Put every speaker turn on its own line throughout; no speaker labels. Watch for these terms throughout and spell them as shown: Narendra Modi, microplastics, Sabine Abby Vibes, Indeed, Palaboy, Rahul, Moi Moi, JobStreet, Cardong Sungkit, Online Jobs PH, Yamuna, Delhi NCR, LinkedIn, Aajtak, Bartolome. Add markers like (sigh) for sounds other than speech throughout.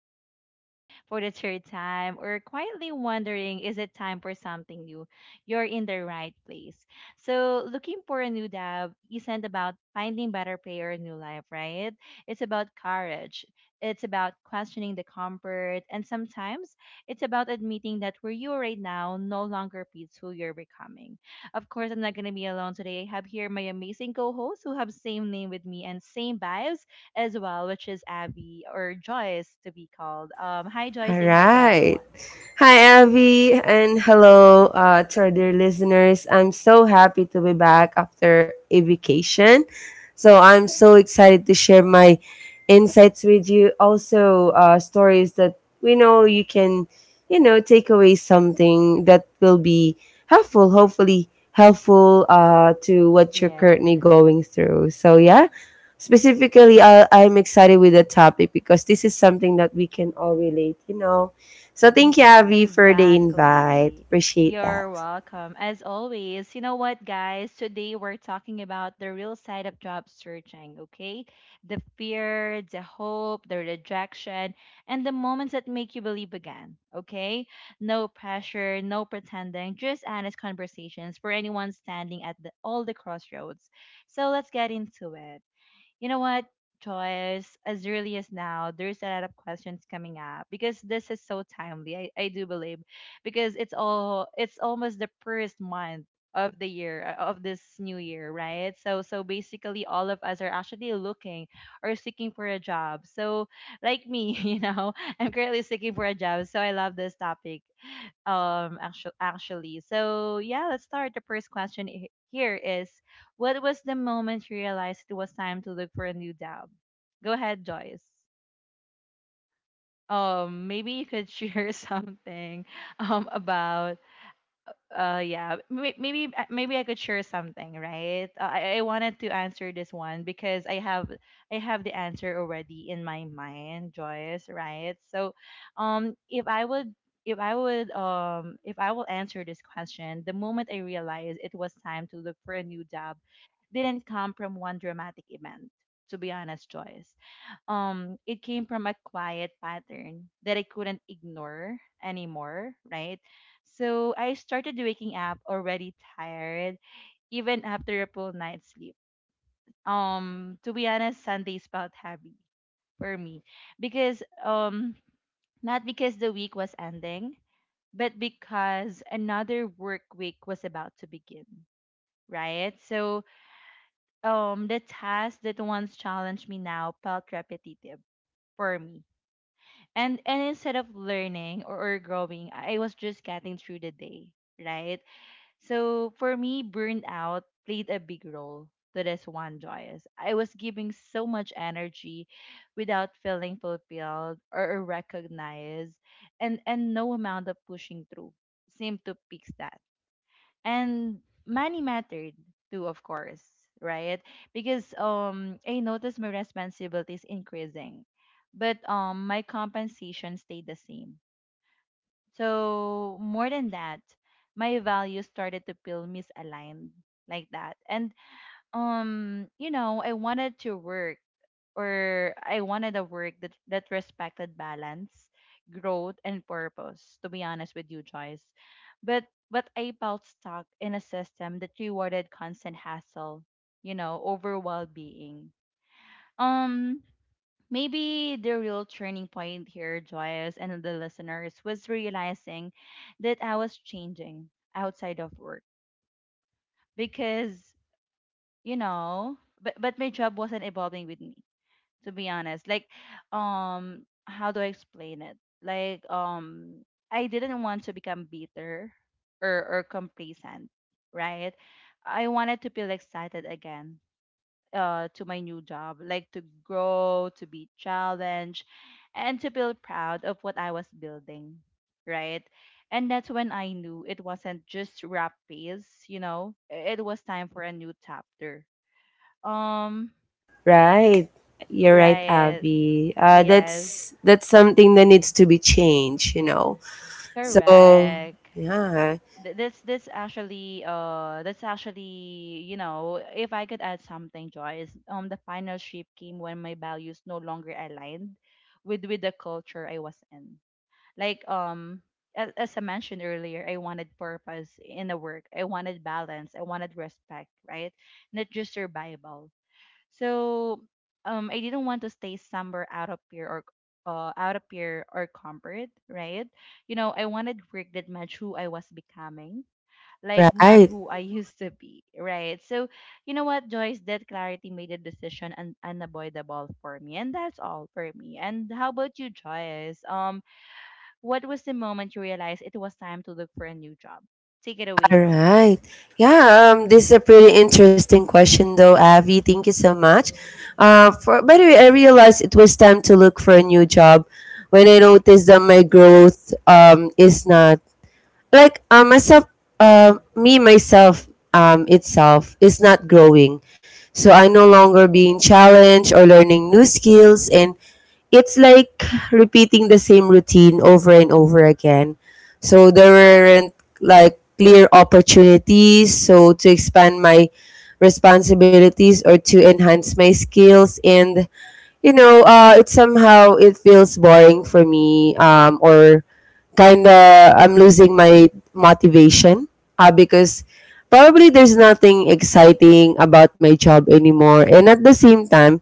resume for the third time, or quietly wondering, is it time for something new? You're in the right place. So, looking for a new job isn't about finding better pay or a new life, right? It's about courage. It's about questioning the comfort, and sometimes it's about admitting that where you are right now no longer fits who you're becoming. Of course, I'm not going to be alone today. I have here my amazing co-hosts who have same name with me and same vibes as well, which is Abby or Joyce to be called. Hi Joyce,
All
say hi to
right.
everyone.
Hi, Avi, and hello to our dear listeners. I'm so happy to be back after a vacation. So I'm so excited to share my insights with you. Also, stories that we know you can, take away something that will be helpful, hopefully helpful to what you're
Yeah.
currently going through. So, yeah, specifically, I'm excited with the topic because this is something that we can all relate. So thank you, Abby, for the invite.
Exactly.
Appreciate
You're
that.
welcome. As always, you know what, guys? Today we're talking about the real side of job searching, okay? The fear, the hope, the rejection, and the moments that make you believe again, okay? No pressure, no pretending, just honest conversations for anyone standing at the, all the crossroads. So let's get into it. You know what, Joyce? As early as now, there's a lot of questions coming up because this is so timely. I do believe because it's all it's almost the first month of the year of this new year, right? So basically, all of us are actually looking or seeking for a job. So like me, (laughs) you know, I'm currently seeking for a job. So I love this topic actually so yeah, let's start the first question. Here is, what was the moment you realized it was time to look for a new job? Go ahead Joyce. Maybe you could share (laughs) something about, yeah. Maybe I could share something, right? I wanted to answer this one because I have the answer already in my mind, Joyce, right? So, um, if I would if I will answer this question, the moment I realized it was time to look for a new job didn't come from one dramatic event. To be honest, Joyce, it came from a quiet pattern that I couldn't ignore anymore, right? So I started waking up already tired even after a full night's sleep. To be honest, Sundays felt heavy for me, because not because the week was ending, but because another work week was about to begin, right? So the tasks that once challenged me now felt repetitive for me, and instead of learning or growing, I was just getting through the day, right? So for me, burnout played a big role to this one, Joyous. I was giving so much energy without feeling fulfilled or recognized, and no amount of pushing through seemed to fix that. And money mattered too, of course, right? Because I noticed my responsibilities increasing, but my compensation stayed the same. So more than that, my values started to feel misaligned, like that. And you know, I wanted to work, or I wanted a work that respected balance, growth and purpose, to be honest with you, Joyce. But but I felt stuck in a system that rewarded constant hassle, you know, over well-being. um Maybe the real turning point here, Joyce, and the listeners, was realizing that I was changing outside of work, because you know, but my job wasn't evolving with me, to be honest. Like, how do I explain it? Like, I didn't want to become bitter or complacent, right? I wanted to feel excited again, to my new job, like to grow, to be challenged, and to feel proud of what I was building, right? And that's when I knew, it wasn't just rap pace, you know, it was time for a new chapter. um,
Right. You're right,
right.
Abby. Uh,
Yes.
that's that's something that needs to be changed. So
Correct.
yeah,
That's actually you know, if I could add something, Joyce, the final shift came when my values no longer aligned with the culture I was in. Like, as I mentioned earlier, I wanted purpose in the work, I wanted balance, I wanted respect, right? Not just survival. So I didn't want to stay somewhere out of fear or out of fear or comfort, right? You know, I wanted work that matched who I was becoming, like not
right.
who I (laughs) used to be, right? So, you know what, Joyce, that clarity made the decision unavoidable for me, and that's all for me. And how about you, Joyce? What was the moment you realized it was time to look for a new job? Take it away
All
now.
right. Yeah, this is a pretty interesting question, though, Avi. Thank you so much. By the way, I realized it was time to look for a new job when I noticed that my growth is not like myself, me, myself itself is not growing. So I no longer being challenged or learning new skills, and it's like repeating the same routine over and over again. So there weren't like clear opportunities so to expand my responsibilities or to enhance my skills, and it somehow it feels boring for me, or kind of I'm losing my motivation, because probably there's nothing exciting about my job anymore, and at the same time,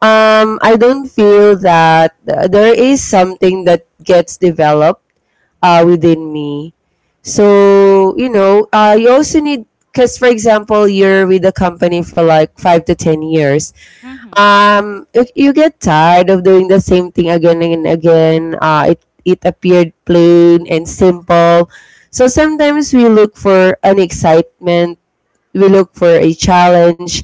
I don't feel that there is something that gets developed within me. So you also need, because, for example, you're with a company for like 5 to 10 years,
Mm-hmm.
you get tired of doing the same thing again and again. It appeared plain and simple. So sometimes we look for an excitement. We look for a challenge,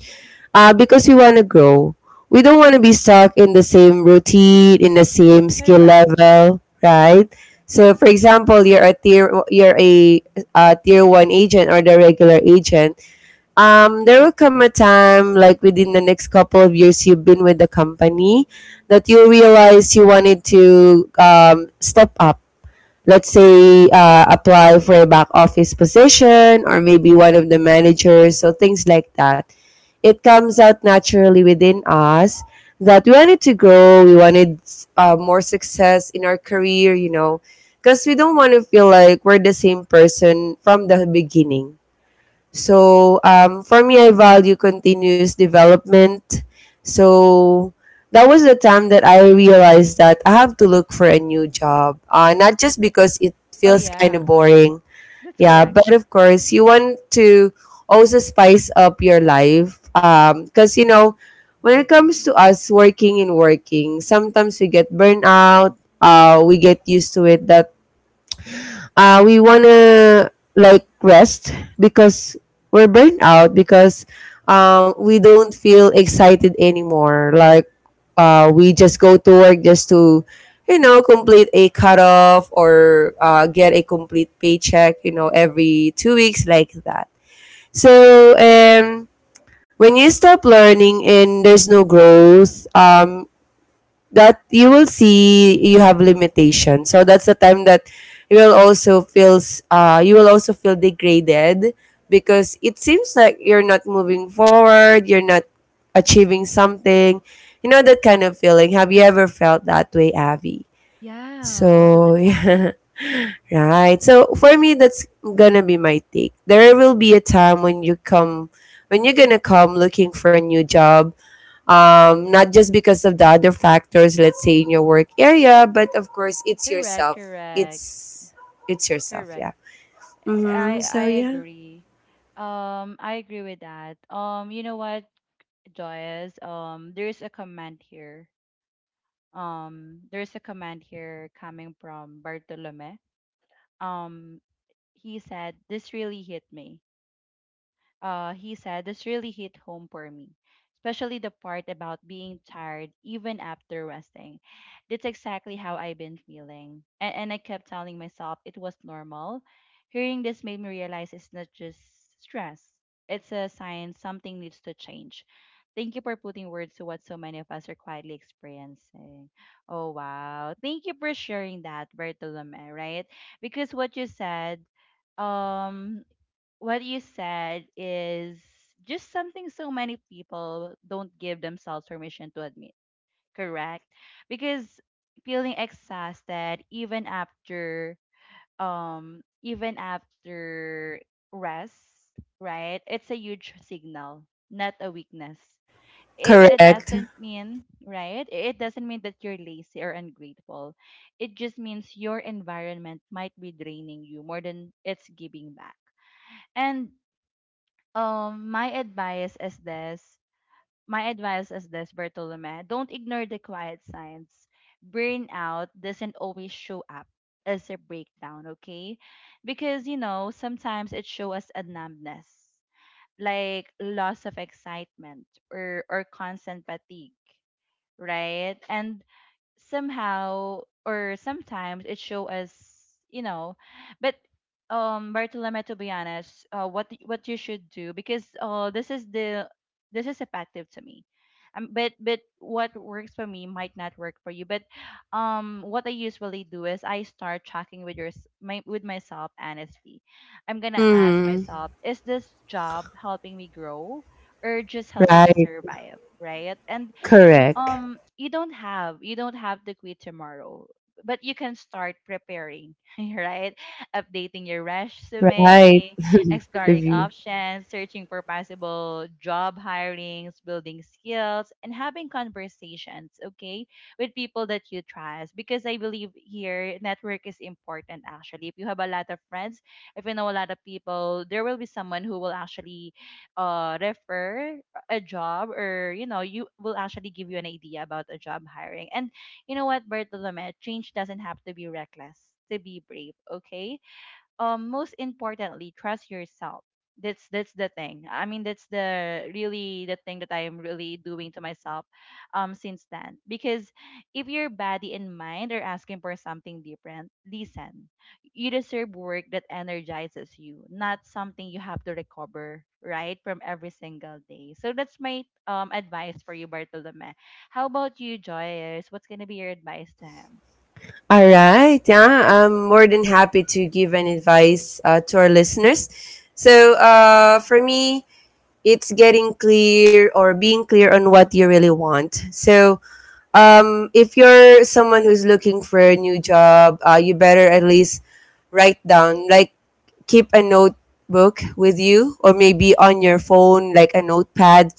because we want to grow. We don't want to be stuck in the same routine, in the same skill
Correct.
level, right? So, for example, you're a tier one agent or the regular agent, there will come a time, like within the next couple of years you've been with the company, that you realize you wanted to step up. Let's say apply for a back office position or maybe one of the managers, so things like that. It comes out naturally within us that we wanted to grow, we wanted more success in our career, because we don't want to feel like we're the same person from the beginning. So for me, I value continuous development. So that was the time that I realized that I have to look for a new job. Not just because it
Oh
feels kind
yeah,
of boring.
that's
Yeah,
correct.
but of course, you want to also spice up your life. Because when it comes to us working and working, sometimes we get burnt out. We get used to it that we wanna like rest, because we're burnt out, because we don't feel excited anymore. Like we just go to work just to complete a cutoff or get a complete paycheck. You know, every 2 weeks like that. So when you stop learning and there's no growth, that you will see you have limitations. So that's the time that you will also feel degraded, because it seems like you're not moving forward, you're not achieving something. You know that kind of feeling. Have you ever felt that way, Avi?
Yeah, most of the
So (laughs)
time.
yeah. Right. So for me that's gonna be my take. There will be a time when you're gonna come looking for a new job, not just because of the other factors, let's say in your work area, but of course it's
Correct,
yourself.
correct,
It's it's yourself,
correct.
yeah.
I
Mm-hmm.
I
So yeah,
agree. I agree with that. You know what, Joyce? There's a comment here. There's a comment here coming from Bartolome. Um, he said, "This really hit me. He said this really hit home for me, especially the part about being tired even after resting. That's exactly how I've been feeling. And I kept telling myself it was normal. Hearing this made me realize it's not just stress, it's a sign something needs to change. Thank you for putting words to what so many of us are quietly experiencing." Oh, wow. Thank you for sharing that, Bartolome, right? Because what you said um is just something so many people don't give themselves permission to admit, correct? Because feeling exhausted even after um even after rest, right? It's a huge signal, not a weakness. It
correct.
doesn't mean, right? It doesn't mean that you're lazy or ungrateful. It just means your environment might be draining you more than it's giving back. And um my advice is this my advice is this, Bertolome, don't ignore the quiet signs. Burnout doesn't always show up as a breakdown, okay? Because you know, sometimes it shows us a numbness, like loss of excitement or constant fatigue, right? And somehow or sometimes it show us, you know. But Bartolome, to be honest, what what you should do, because this is the, this is effective to me, but what works for me might not work for you, but what I usually do is I start tracking with your s- my with myself honestly. I'm gonna ask
Mm-hmm.
myself, is this job helping me grow or just helping me
Right,
survive, right? And
correct.
um, you don't have to quit tomorrow, but you can start preparing, (laughs) right? Updating your
Right,
resume, exploring
review.
options, searching for possible job hirings, building skills, and having conversations, okay, with people that you trust. Because I believe here, network is important. Actually, if you have a lot of friends, if you know a lot of people, there will be someone who will actually refer a job, or you know, you will actually give you an idea about a job hiring. And you know what, Bartolome, change doesn't have to be reckless to be brave, okay? Um, most importantly, trust yourself. That's the thing, I mean, that's the really the thing that I am really doing to myself since then, because if your body and mind are asking for something different, listen. You deserve work that energizes you, not something you have to recover right from every single day. So that's my advice for you, Bartolome. How about you, Joyce? What's going to be your advice to him?
All right, yeah. I'm more than happy to give an advice to our listeners. So for me, it's getting clear or being clear on what you really want. So, if you're someone who's looking for a new job, you better at least write down, like, keep a notebook with you or maybe on your phone, like a notepad.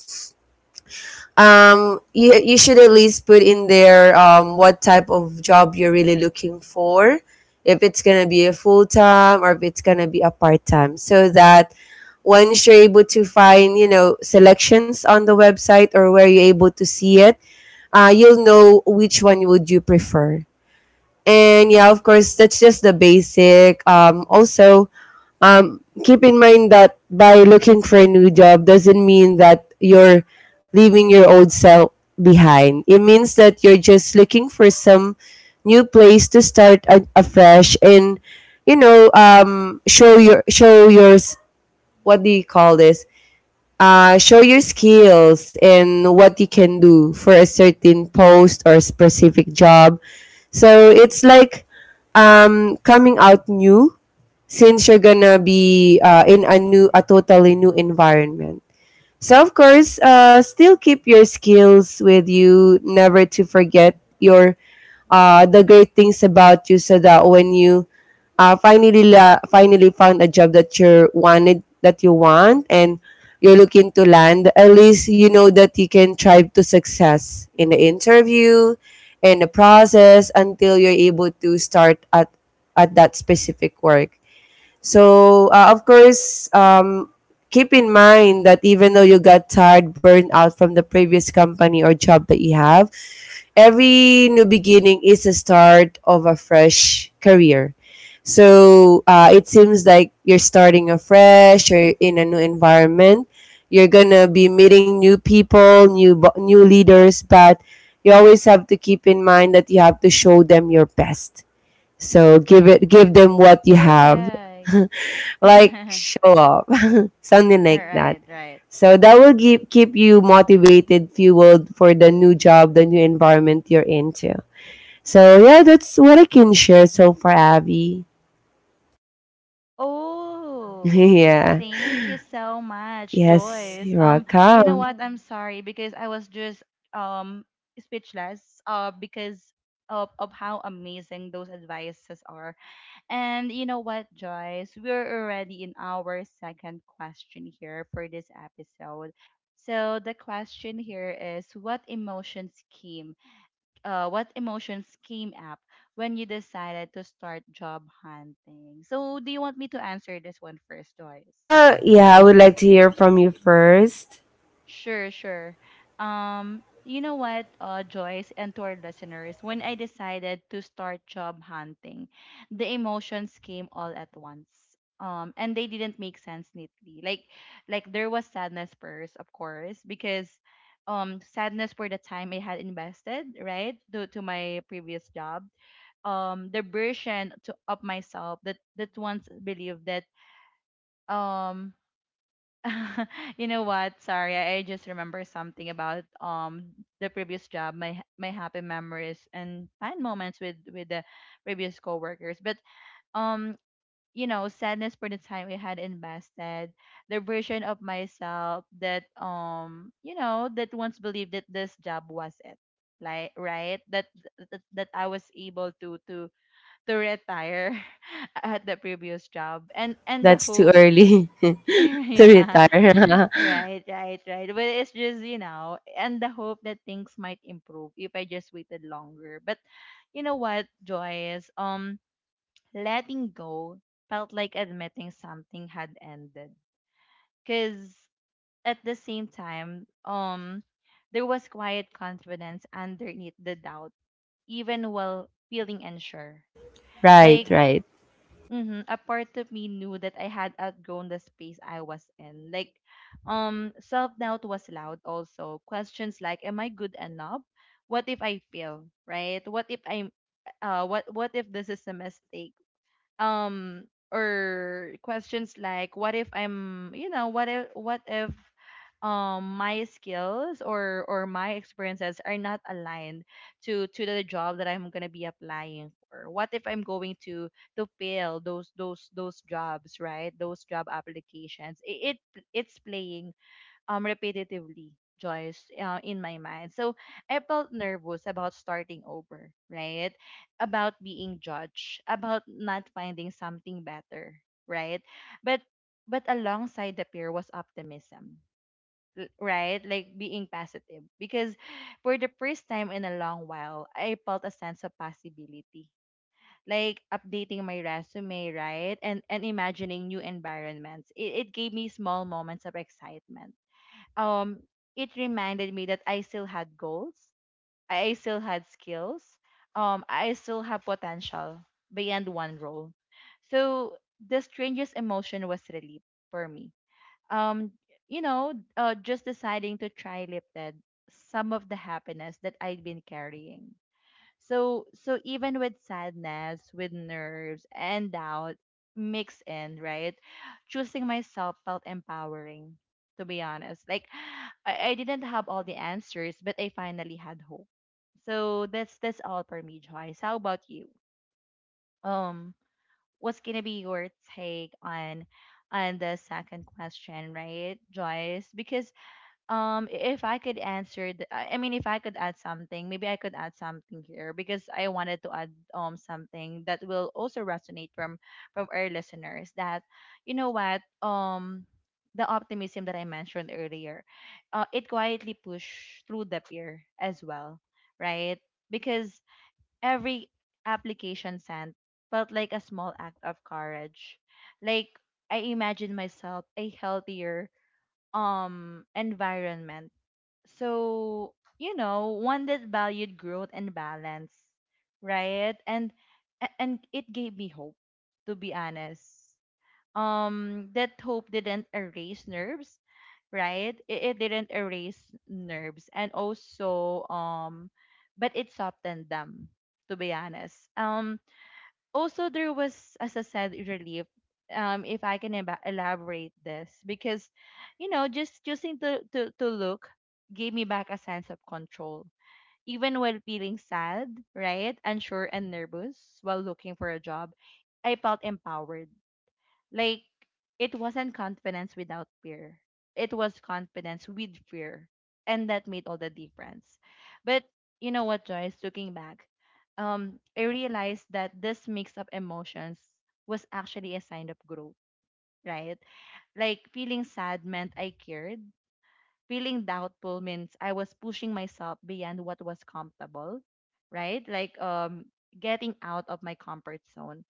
You should at least put in there what type of job you're really looking for. If it's going to be a full time or if it's going to be a part time, so that once you're able to find selections on the website or where you're able to see it, you'll know which one would you prefer. And yeah, of course, that's just the basic. Also, keep in mind that by looking for a new job doesn't mean that you're leaving your old self behind. It means that you're just looking for some new place to start afresh, and you know, show yours. What do you call this? Show your skills and what you can do for a certain post or specific job. So it's like, coming out new, since you're gonna be in a totally new environment. So of course, still keep your skills with you, never to forget your the great things about you, so that when you finally found a job that you want, and you're looking to land, at least you know that you can thrive to success in the interview, in the process, until you're able to start at that specific work. So, of course, keep in mind that even though you got tired, burned out from the previous company or job that you have, every new beginning is a start of a fresh career. So, it seems like you're starting afresh, you're in a new environment, you're gonna be meeting new people, new leaders, but you always have to keep in mind that you have to show them your best, so give them what you have. (laughs)
Correct. (laughs) All
Like
Mm.
show off. (laughs) Something like that.
right right.
So that will keep you motivated, fueled for the new job, the new environment you're into. So yeah, that's what I can share so far, Abby.
Oh,
(laughs) Yeah.
thank you so much,
Yes,
Joyce.
you're
You know
welcome.
what? I'm sorry because I was just um speechless because of how amazing those advices are. And you know what, Joyce? We're already in our second question here for this episode. So the question here is, what emotions came up when you decided to start job hunting? So, do you want me to answer this one first, Joyce?
Yeah, I would like to hear from you first.
Sure, sure. You know what, Joyce, and to our listeners, when I decided to start job hunting, the emotions came all at once. And they didn't make sense neatly. Like, there was sadness first, of course, because sadness for the time I had invested, right, to my previous job. The version to of myself that once believed that um (laughs) you know what, sorry, I just remember something about the previous job, my happy memories and fun moments with the previous coworkers. But um you know, sadness for the time we had invested, the version of myself that, you know, that once believed that this job was it. Right, that I was able to retire (laughs) at the previous job, and the
That's too
hope.
early (laughs) to
(laughs) Yeah,
retire. (laughs)
right, but it's just, you know, and the hope that things might improve if I just waited longer. But you know what, Joyce, letting go felt like admitting something had ended. Because at the same time, there was quiet confidence underneath the doubt. Even while feeling unsure, like
Right, right.
Mm-hmm. A part of me knew that I had outgrown the space I was in. Self doubt was loud. Also, questions like, "Am I good enough? What if I fail? Right? What if I'm, what what if this is a mistake? um or questions like, what if I'm, you know, what if, my skills or my experiences are not aligned to the job that I'm going to be applying for? What if I'm going to fail those jobs, right, those job applications? It's playing repetitively, Joyce, in my mind. So I felt nervous about starting over, right? About being judged, about not finding something better, right? But alongside the fear was optimism, right? Like being positive, because for the first time in a long while, I felt a sense of possibility. Like updating my resume, right? And imagining new environments. It gave me small moments of excitement. um it reminded me that I still had goals, I still had skills, I still have potential beyond one role. So the strangest emotion was relief for me. Um you know, just deciding to try lifted some of the happiness that I'd been carrying. So even with sadness, with nerves and doubt mixed in, right? Choosing myself felt empowering, to be honest. I, didn't have all the answers, but I finally had hope. So that's all for me, Joyce. How about you? Um, what's gonna be your take on the second question, right, Joyce? Because if I could answer, I mean, if I could add something, maybe I could add something here, because I wanted to add something that will also resonate from our listeners. That, you know what, the optimism that I mentioned earlier, it quietly push through the peer as well, right? Because every application sent felt like a small act of courage. Like, I imagine myself a healthier environment, so, you know, one that valued growth and balance, right? And it gave me hope, to be honest. That hope didn't erase nerves, right? It didn't erase nerves. And also, but it softened them, to be honest. Also, there was, as I said, relief. If I can eba elaborate this, because, you know, just choosing to look gave me back a sense of control. Even while feeling sad, right, unsure and nervous while looking for a job, I felt empowered. like it wasn't confidence without fear. It was confidence with fear. And that made all the difference. But, you know what, Joyce, looking back, I realized that this mix of emotions was actually a sign of growth, right? Like, feeling sad meant I cared. Feeling doubtful means I was pushing myself beyond what was comfortable, right? Like, getting out of my comfort zone,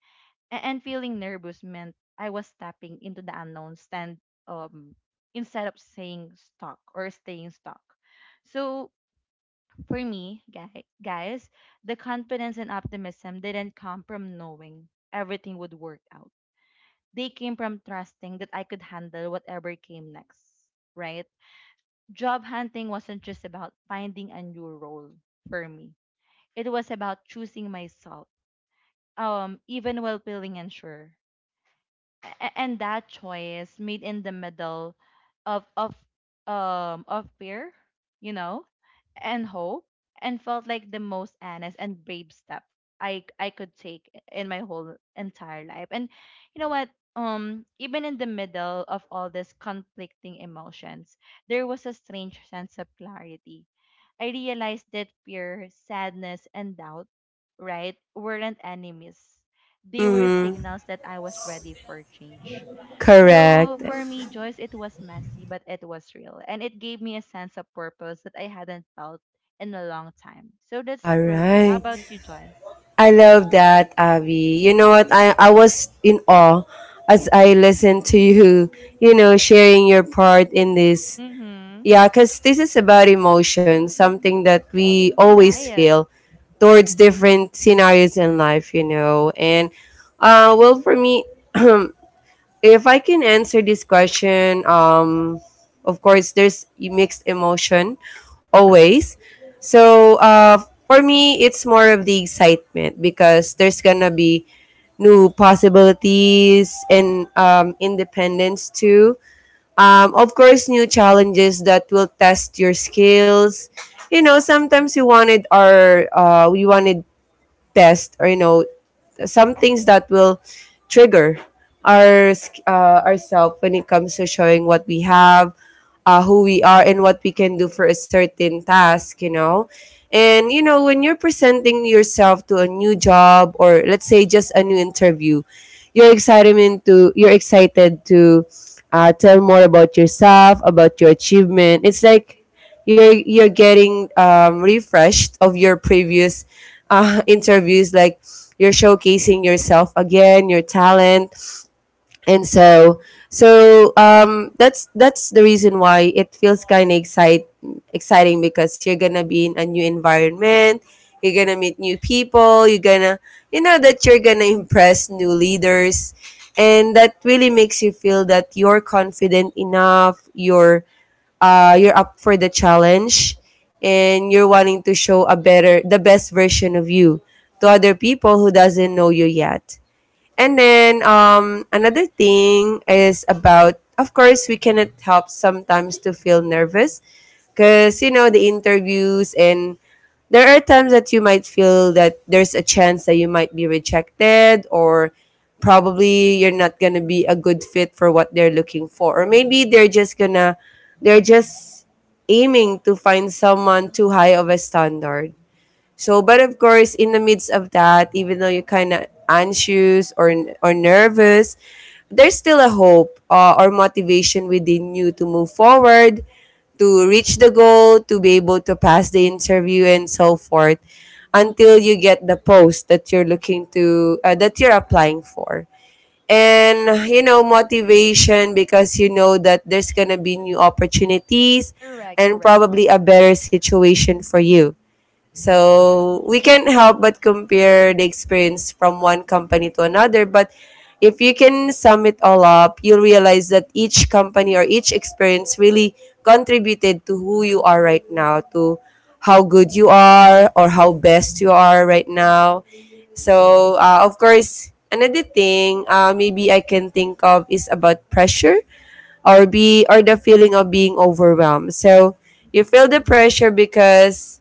and feeling nervous meant I was stepping into the unknown stand, um instead of saying stuck or staying stuck. So for me, guys, the confidence and optimism didn't come from knowing everything would work out. They came from trusting that I could handle whatever came next, right? Job hunting wasn't just about finding a new role for me. It was about choosing myself, even while feeling unsure. And that choice made in the middle of fear, you know, and hope, and felt like the most honest and brave step I could take in my whole entire life. And, you know what? Even in the middle of all these conflicting emotions, there was a strange sense of clarity. I realized that fear, sadness, and doubt, right, weren't enemies. They were
Mhm,
signals that I was ready for change.
correct.
So for me, Joyce, it was messy, but it was real. And it gave me a sense of purpose that I hadn't felt in a long time. So that's
All
for me. How
right.
about you, Joyce?
I love that, Abby. You know what? I was in awe as I listened to you, sharing your part in this.
Mm-hmm.
Yeah, because this is about emotion, something that we always
Right.
feel towards different scenarios in life. And, well, for me, (clears throat) if I can answer this question, of course, there's mixed emotion always. So, for me, it's more of the excitement because there's gonna be new possibilities and independence too. Of course, new challenges that will test your skills. You know, sometimes you wanted or we wanted test, or some things that will trigger ourself when it comes to showing what we have, who we are and what we can do for a certain task, you know. And, you know, when you're presenting yourself to a new job, or let's say just a new interview, you're excited you're excited to tell more about yourself, about your achievement. It's like you're getting refreshed of your previous (laughs) interviews, like you're showcasing yourself again, your talent, and so that's the reason why it feels kind of exciting, because you're gonna be in a new environment, you're gonna meet new people, you're gonna impress new leaders, and that really makes you feel that you're confident enough, you're up for the challenge, and you're wanting to show a better the best version of you to other people who doesn't know you yet. And then, another thing is about, of course, we cannot help sometimes to feel nervous, because the interviews, and there are times that you might feel that there's a chance that you might be rejected, or probably you're not going to be a good fit for what they're looking for. Or maybe they're just aiming to find someone too high of a standard. So, but of course, in the midst of that, even though you're kind of anxious, or nervous, there's still a hope, or motivation within you to move forward, to reach the goal, to be able to pass the interview, and so forth, until you get the post that you're applying for. And you know, motivation because you know that there's gonna be new opportunities
Correct,
and
correct.
probably a better situation for you. So we can't help but compare the experience from one company to another. But if you can sum it all up, you'll realize that each company or each experience really contributed to who you are right now, to how good you are or how best you are right now. So of course, another thing maybe I can think of is about pressure or the feeling of being overwhelmed. So you feel the pressure because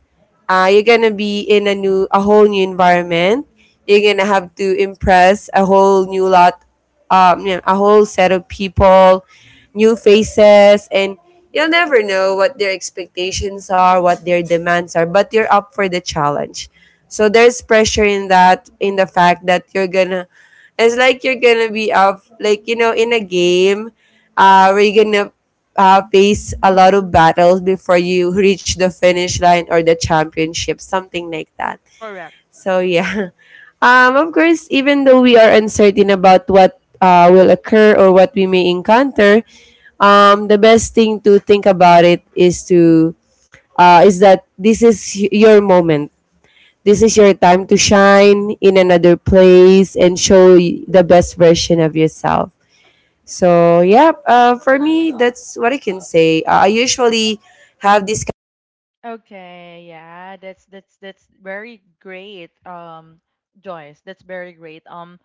you're gonna be in a new a whole new environment. You're gonna have to impress a whole new lot, you know, a whole set of people, new faces, and you'll never know what their expectations are, what their demands are. But you're up for the challenge, so there's pressure in that, in the fact that you're gonna. It's like you're gonna be up, like you know, in a game are you gonna face a lot of battles before you reach the finish line or the championship, something like that.
Correct.
So yeah, (laughs) of course, even though we are uncertain about what will occur or what we may encounter, the best thing to think about it is to is that this is your moment. This is your time to shine in another place and show the best version of yourself. So, for me, that's what I can say. I usually have this.
Okay, yeah, that's that's very great, Joyce. That's very great,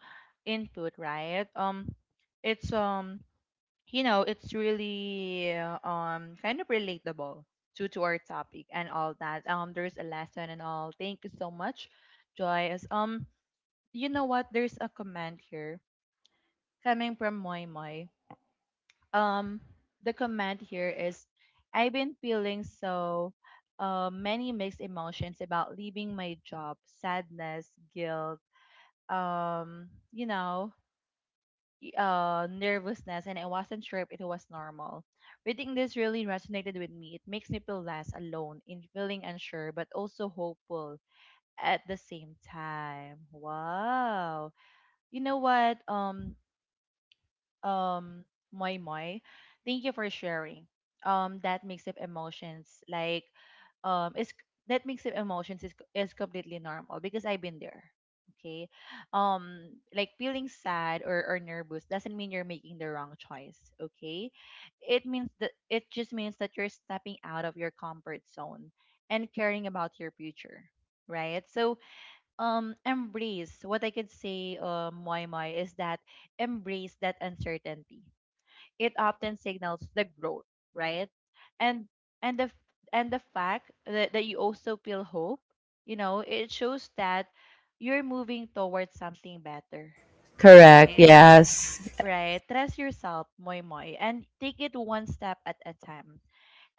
input, right? It's you know, it's really kind of relatable to our topic and all that. There's a lesson and all. Thank you so much, Joyce. You know what? There's a comment here coming from Moi Moi. um the comment here is, I've been feeling so many mixed emotions about leaving my job, sadness, guilt, you know, nervousness, and I wasn't sure if it was normal. Reading this really resonated with me. It makes me feel less alone in feeling unsure, but also hopeful at the same time. Wow. You know what? Um Moy Moy. Thank you for sharing. That mix of emotions, like is that mix of emotions is completely normal, because I've been there. Okay. Like, feeling sad or nervous doesn't mean you're making the wrong choice. Okay. It just means that you're stepping out of your comfort zone and caring about your future. Right. So, embrace what I could say, why my is that embrace that uncertainty. It often signals the growth, right? And and the the fact that you also feel hope, you know, it shows that you're moving towards something better,
Correct,
right?
yes.
Right. Trust yourself, Moy Moy, and take it one step at a time.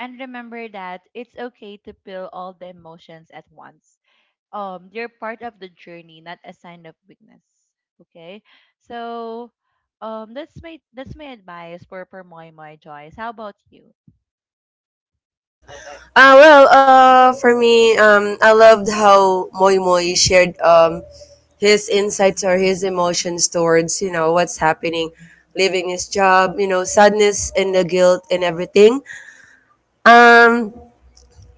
And remember that it's okay to feel all the emotions at once. They are part of the journey, not a sign of weakness. Okay. So that's my advice for my Joyce. How about you?
Well, for me, I loved how Moy Moy shared his insights or his emotions towards, you know, what's happening, leaving his job, you know, sadness and the guilt and everything. Um,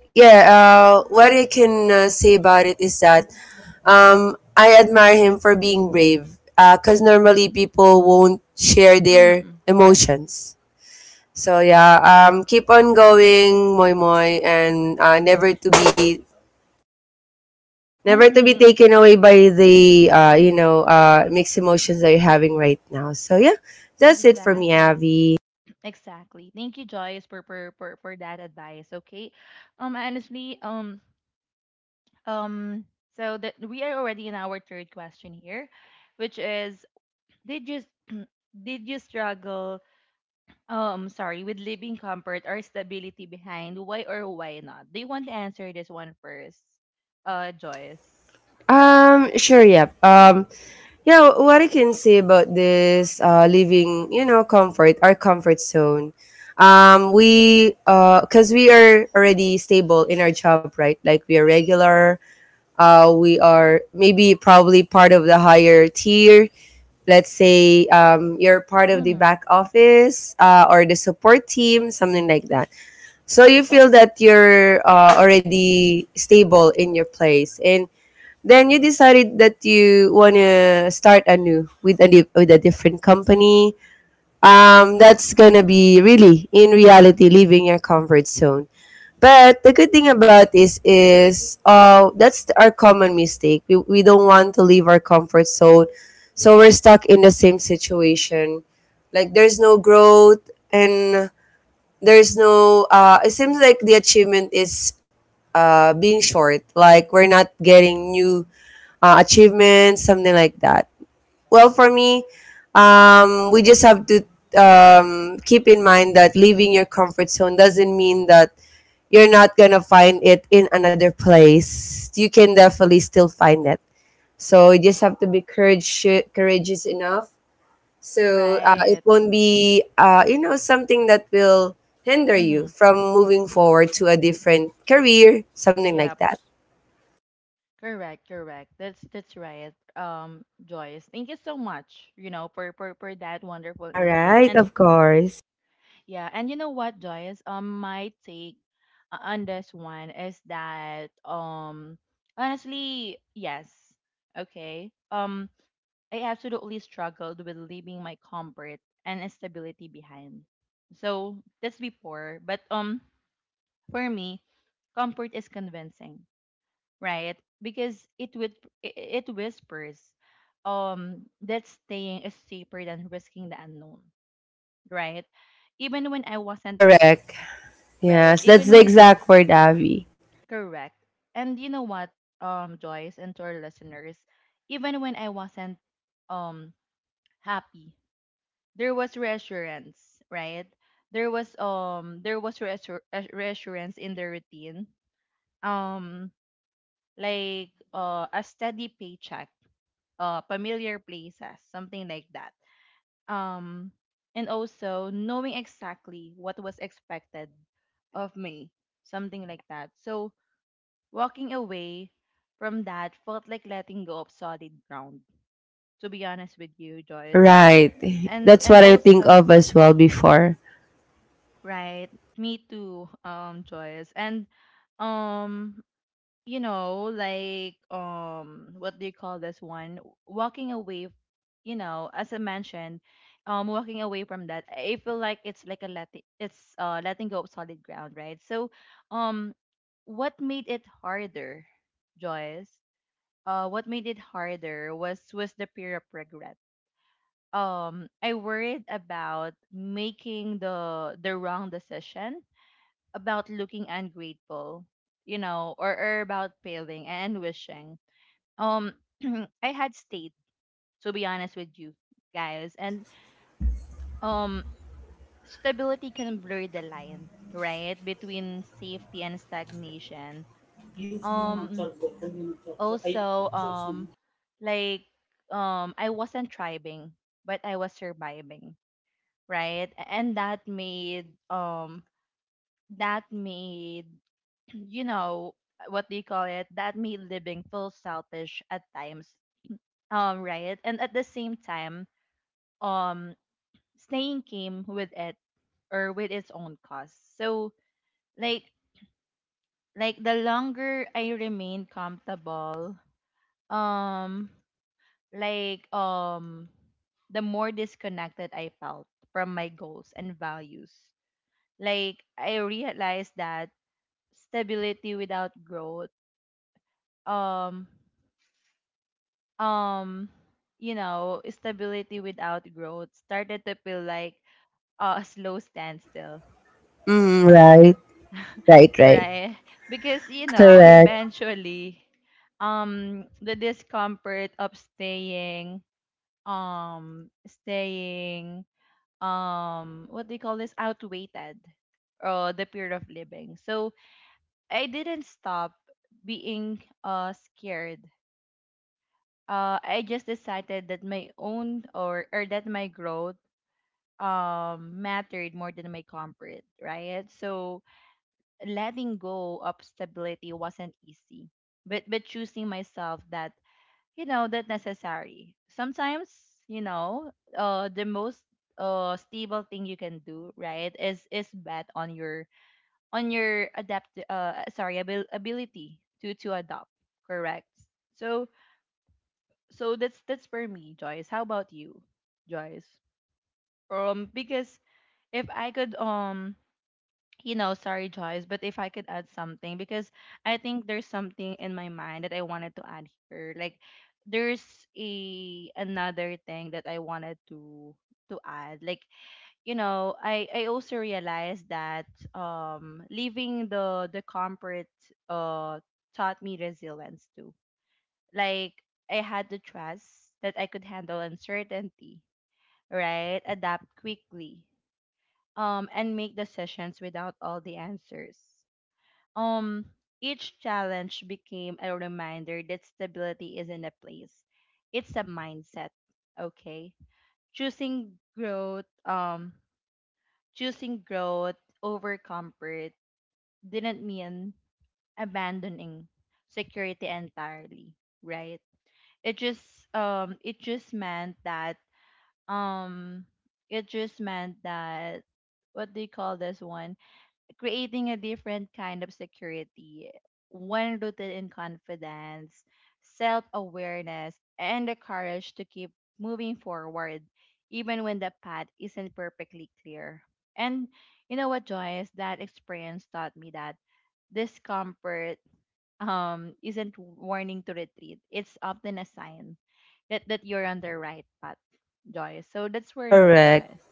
yeah, what I can say about it is that I admire him for being brave because normally people won't share their
Mm-hmm. Correct.
emotions. So yeah, keep on going, moi moi, and never to be never to be
Mm-hmm.
taken away by the you know mixed emotions that you're having right now. So yeah, that's it for me,
Exactly,
Avi.
exactly. Thank you, Joyce, for for that advice. Okay, honestly, um so that we are already in our third question here, which is, did you struggle, sorry, with leaving comfort or stability behind, why or why not? Do you want to answer this one first? Joyce.
Sure, yep. Yeah, what I can say about this living, you know, comfort, our comfort zone. Because we are already stable in our job, right? Like we are regular. We are maybe probably part of the higher tier. Let's say you're part of the
Mm-hmm.
back office or the support team, something like that. So you feel that you're already stable in your place. And then you decided that you wanna start anew with a different company. That's gonna be really in reality leaving your comfort zone. But the good thing about this is, that's our common mistake. We don't want to leave our comfort zone, so we're stuck in the same situation. Like there's no growth and there's no. It seems like the achievement is being short. Like we're not getting new achievements, something like that. Well, for me, we just have to keep in mind that leaving your comfort zone doesn't mean that you're not gonna find it in another place. You can definitely still find it. So you just have to be courageous enough. So it
Right.
won't be, you know, something that will hinder you
Mm-hmm.
from moving forward to a different career, something like
Yep.
that.
Correct, correct. That's right. Joyce. Thank you so much, you know, for, for that wonderful
All
input.
right,
And
of course.
yeah, and you know what, Joyce? My take on this one is that, honestly, yes. Okay. I absolutely struggled with leaving my comfort and stability behind. So that's before. But for me, comfort is convincing, right? Because it would it it whispers, that staying is safer than risking the unknown, right? Even when I wasn't
Correct.
right,
Yes, that's
even
the
when,
exact word, Abby.
correct. And you know what, Joyce and to our listeners, even when I wasn't um happy, there was reassurance, right? There was reassurance in the routine. Um like, a steady paycheck, familiar places, something like that. Um and also knowing exactly what was expected of me, something like that. So walking away from that felt like letting go of solid ground, to be honest with you, Joyce.
Right.
And
That's what I think
also,
of as well before.
right. Me too, Joyce. And um, you know, like, what do you call this one? Walking away, you know, as I mentioned, walking away from that, I feel like it's like a letting, it's letting go of solid ground, right? So um what made it harder, Joyce? What made it harder was the fear of regret. I worried about making the wrong decision, about looking ungrateful, you know, or about failing and wishing. Um, (clears throat) I had stayed, to be honest with you guys. And um, stability can blur the line, right, between safety and stagnation. Um, also, um, like, I wasn't thriving, but I was surviving, right? And that made that made you know, what do call it that made living feel selfish at times, right? And at the same time, um staying came with it, or with its own cost. So, like like, the longer I remain comfortable, um like um the more disconnected I felt from my goals and values. Like, I realized that stability without growth, um um you know, stability without growth started to feel like a slow standstill.
Mm, right. Right,
(laughs)
right.
Right? Because, you know,
Correct.
eventually the discomfort of staying, staying what do you call this outweighed or the period of living. So I didn't stop being scared. I just decided that my own, or that my growth mattered more than my comfort, right? So letting go of stability wasn't easy. But choosing myself, that you know, that necessary. Sometimes, you know, the most stable thing you can do, right, is bet on your ability to adopt, correct? So so that's for me, Joyce. How about you, Joyce? Because if I could you know, sorry, Joyce, but if I could add something, because I think there's something in my mind that I wanted to add here. Like, there's a another thing that I wanted to add. Like, I also realized that leaving the comfort uh taught me resilience too. Like, I had the trust that I could handle uncertainty, right? Adapt quickly, and make decisions without all the answers. um, each challenge became a reminder that stability isn't a place. It's a mindset, okay? Choosing growth, um, Choosing growth over comfort didn't mean abandoning security entirely, right? It just it just meant that um it just meant that what do you call this one? Creating a different kind of security, one rooted in confidence, self awareness, and the courage to keep moving forward, even when the path isn't perfectly clear. And you know what, Joyce? That experience taught me that discomfort isn't warning to retreat, it's often a sign that you're on the right path, Joyce. So that's where me,
Correct.
Joyce.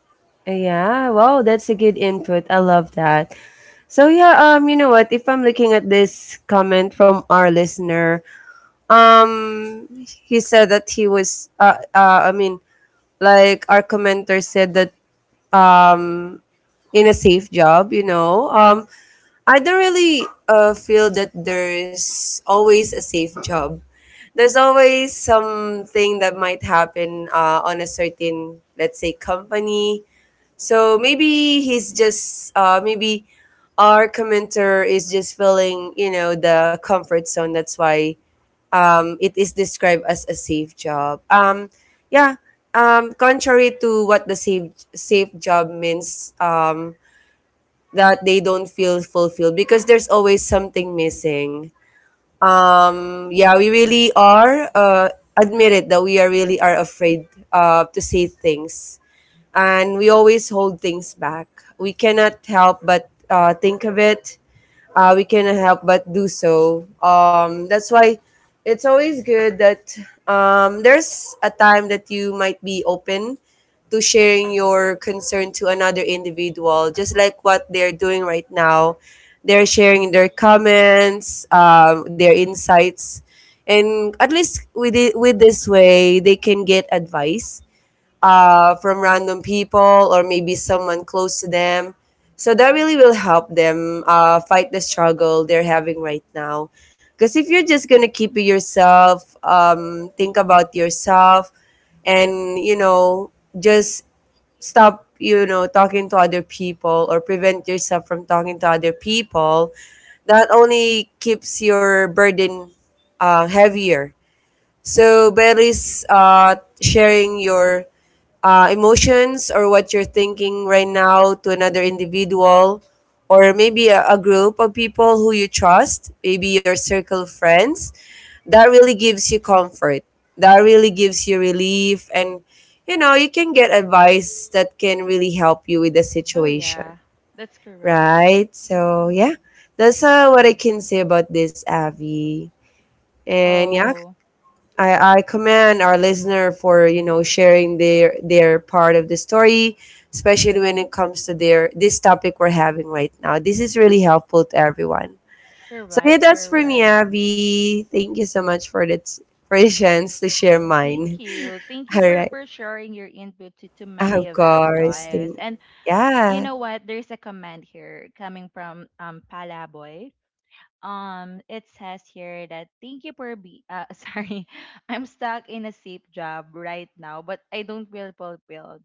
Yeah. Wow, that's a good input. I love that. So yeah, you know what? If I'm looking at this comment from our listener, he said that he was, I mean, like our commenter said that, um, in a safe job, you know. I don't really feel that there's always a safe job. There's always something that might happen on a certain, let's say, company. So maybe he's just, maybe our commenter is just feeling, you know, the comfort zone. That's why it is described as a safe job. Yeah. Contrary to what the safe job means, that they don't feel fulfilled because there's always something missing. Yeah, we really are admit it that we are really are afraid to say things, and we always hold things back. We cannot help but think of it, we cannot help but do so. That's why it's always good that there's a time that you might be open to sharing your concern to another individual, just like what they're doing right now. They're sharing their comments, their insights, and at least with it, with this way, they can get advice from random people or maybe someone close to them. So that really will help them fight the struggle they're having right now. Because if you're just gonna keep it yourself, think about yourself, and you know, just stop, you know, talking to other people or prevent yourself from talking to other people. That only keeps your burden heavier. So, better is sharing your emotions or what you're thinking right now to another individual or maybe a group of people who you trust, maybe your circle of friends, that really gives you comfort. That really gives you relief. And, you know, you can get advice that can really help you with the
Oh,
situation.
yeah, that's correct.
Right? So, yeah, that's what I can say about this, Abby. And yeah,
Oh.
I commend our listener for you know sharing their part of the story, especially when it comes to their this topic we're having right now. This is really helpful to everyone. So
Correct,
yeah, that's for me,
correct.
Abby. Thank you so much for that for the chance to share
(clears throat)
mine.
Thank you. Thank
(laughs)
you
All right,
for sharing your input to many
of
of us,
course.
Joyce.
Thank
And you
yeah,
know what? There's a comment here coming from Palaboy. It says here that thank you for be (laughs) sorry, I'm stuck in a safe job right now, but I don't feel fulfilled.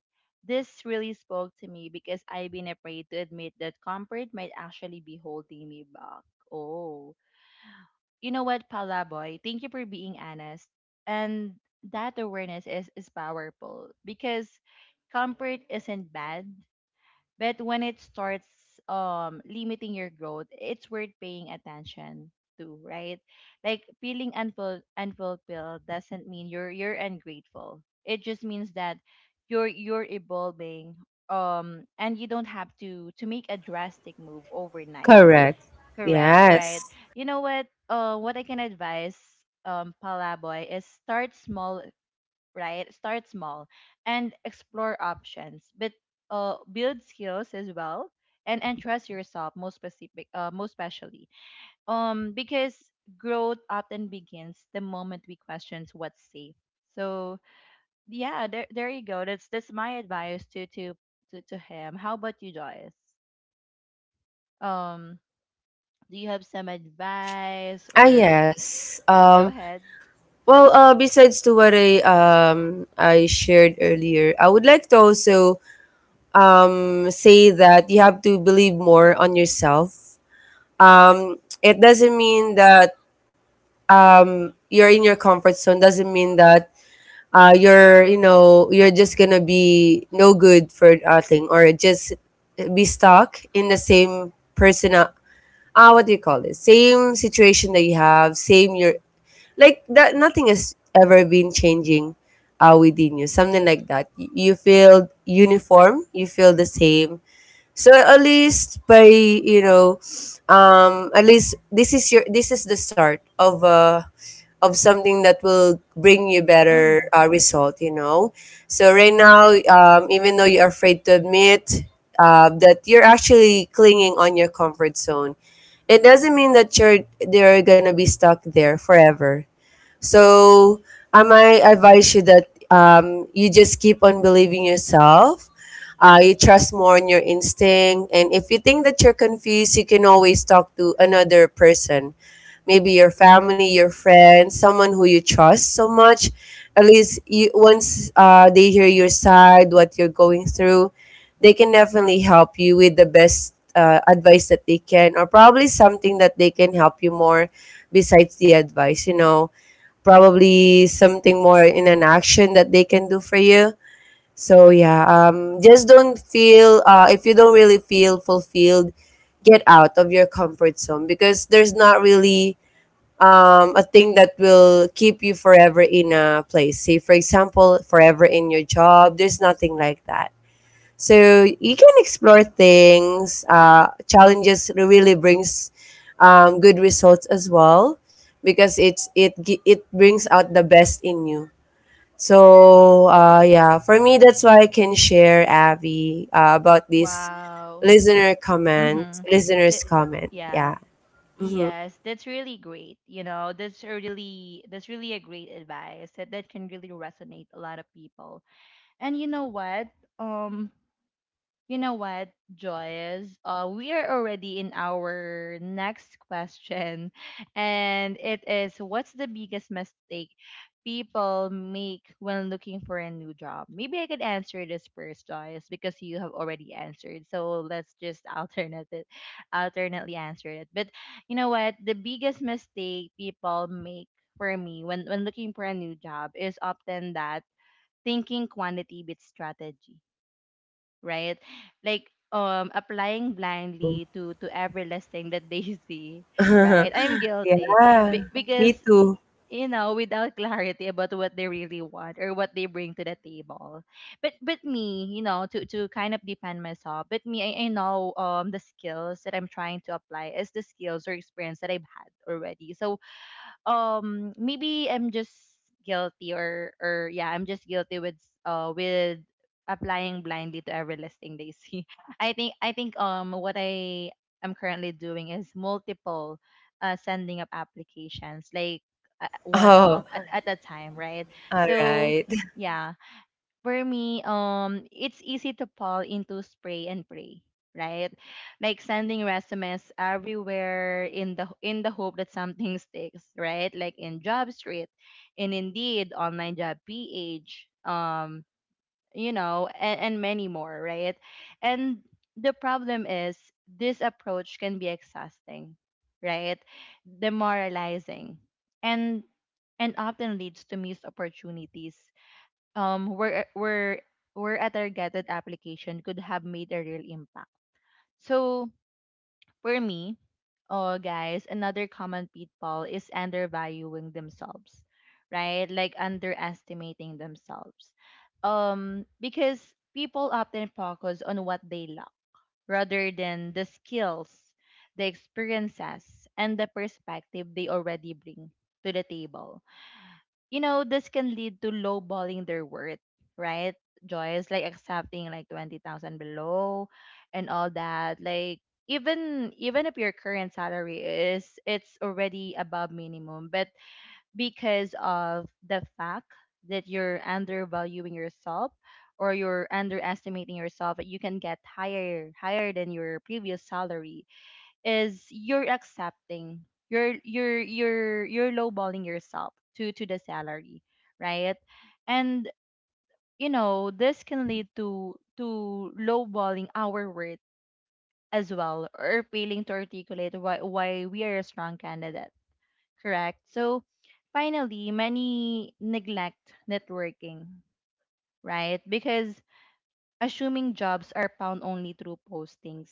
This really spoke to me because I've been afraid to admit that comfort might actually be holding me back. Oh. You know what, Palaboy? Thank you for being honest. And that awareness is powerful because comfort isn't bad, but when it starts limiting your growth, it's worth paying attention to, right? Like feeling unfulfilled doesn't mean you're ungrateful. It just means that you're evolving and you don't have to make a drastic move overnight.
correct.
Correct, right.
Yes.
You know what? What I can advise, Palaboy, is start small, right? Start small and explore options, but build skills as well and trust yourself most specific, most especially. Because growth often begins the moment we questions what's safe. So yeah, there you go. That's my advice to to him. How about you, Joyce? Um, do you have some advice
Ah
or?
yes.
Go ahead.
Well, besides to what I shared earlier, I would like to also say that you have to believe more on yourself. It doesn't mean that you're in your comfort zone. Doesn't mean that you're you know you're just gonna be no good for a thing or just be stuck in the same person. Ah, what do you call it? Same situation that you have. Same your like that. Nothing has ever been changing within you. Something like that. You feel uniform. You feel the same so at least by you know, at least this is your this is the start of something that will bring you better
Mhm.
result. You know, so right now, even though you're afraid to admit that you're actually clinging on your comfort zone, it doesn't mean that you're they're gonna be stuck there forever. So I might advise you that you just keep on believing yourself. You trust more on your instinct, and if you think that you're confused, you can always talk to another person, maybe your family, your friend, someone who you trust so much. At least you, once they hear your side, what you're going through, they can definitely help you with the best advice that they can, or probably something that they can help you more besides the advice. You know, probably something more in an action that they can do for you. So yeah, just don't feel if you don't really feel fulfilled, get out of your comfort zone because there's not really a thing that will keep you forever in a place. Say for example, forever in your job. There's nothing like that. So you can explore things. Challenges really brings good results as well because it brings out the best in you. So yeah, for me that's why I can share Abby about this
Wow.
listener comment,
Mhm.
listener's
That, yes,
comment.
yeah.
Yeah. Hmm.
Yes, that's really great. You know, that's really a great advice that can really resonate a lot of people. And you know what? Um, you know what, Joyce? We are already in our next question, (laughs) and it is what's the biggest mistake people make when looking for a new job? Maybe I could answer this first, Joyce, because you have already answered. So let's just (laughs) alternately answer it. But you know what? The biggest mistake people make for me when looking for a new job is often that thinking quantity beats strategy, right? Like applying
Oh.
blindly to every listing that they (laughs) see, right?
(laughs)
I'm guilty
Yeah. Me
because
too.
you know without clarity about what they really want or what they bring to the table. But to kind of defend myself. But me, I know the skills that I'm trying to apply is the skills or experience that I've had already. So maybe I'm just guilty or yeah, I'm just guilty with uh with applying blindly to every listing they see. (laughs) I think what I am currently doing is multiple sending up applications like
(laughs)
one
Oh.
at a time, right?
All
So
right.
yeah, for me, it's easy to fall into spray and pray, right? Like sending resumes everywhere in the hope that something (laughs) sticks, right? Like in Job Street, in Indeed, Online Job PH, um, you know, and many more, right? And the problem is this approach can be exhausting, right? Demoralizing, and often leads to missed opportunities where were at our gathered application could have made a real impact. So for me, oh guys, another common pitfall is undervaluing themselves, right? Like underestimating themselves. Um, because people often focus on what they lack rather than the skills, the experiences, and the perspective they already bring to the table. You know, this can lead to lowballing their worth, right? Joyce, like accepting like 20,000 below and all that. Like even if your current salary is it's already above minimum, but because of the fact that you're undervaluing yourself or you're underestimating yourself, you can get higher than your previous salary is you're accepting you're lowballing yourself to the salary, right? And you know this can lead to lowballing our worth as well or failing to articulate why we are a strong candidate, correct? So finally many neglect networking, right? Because assuming jobs are found only through postings,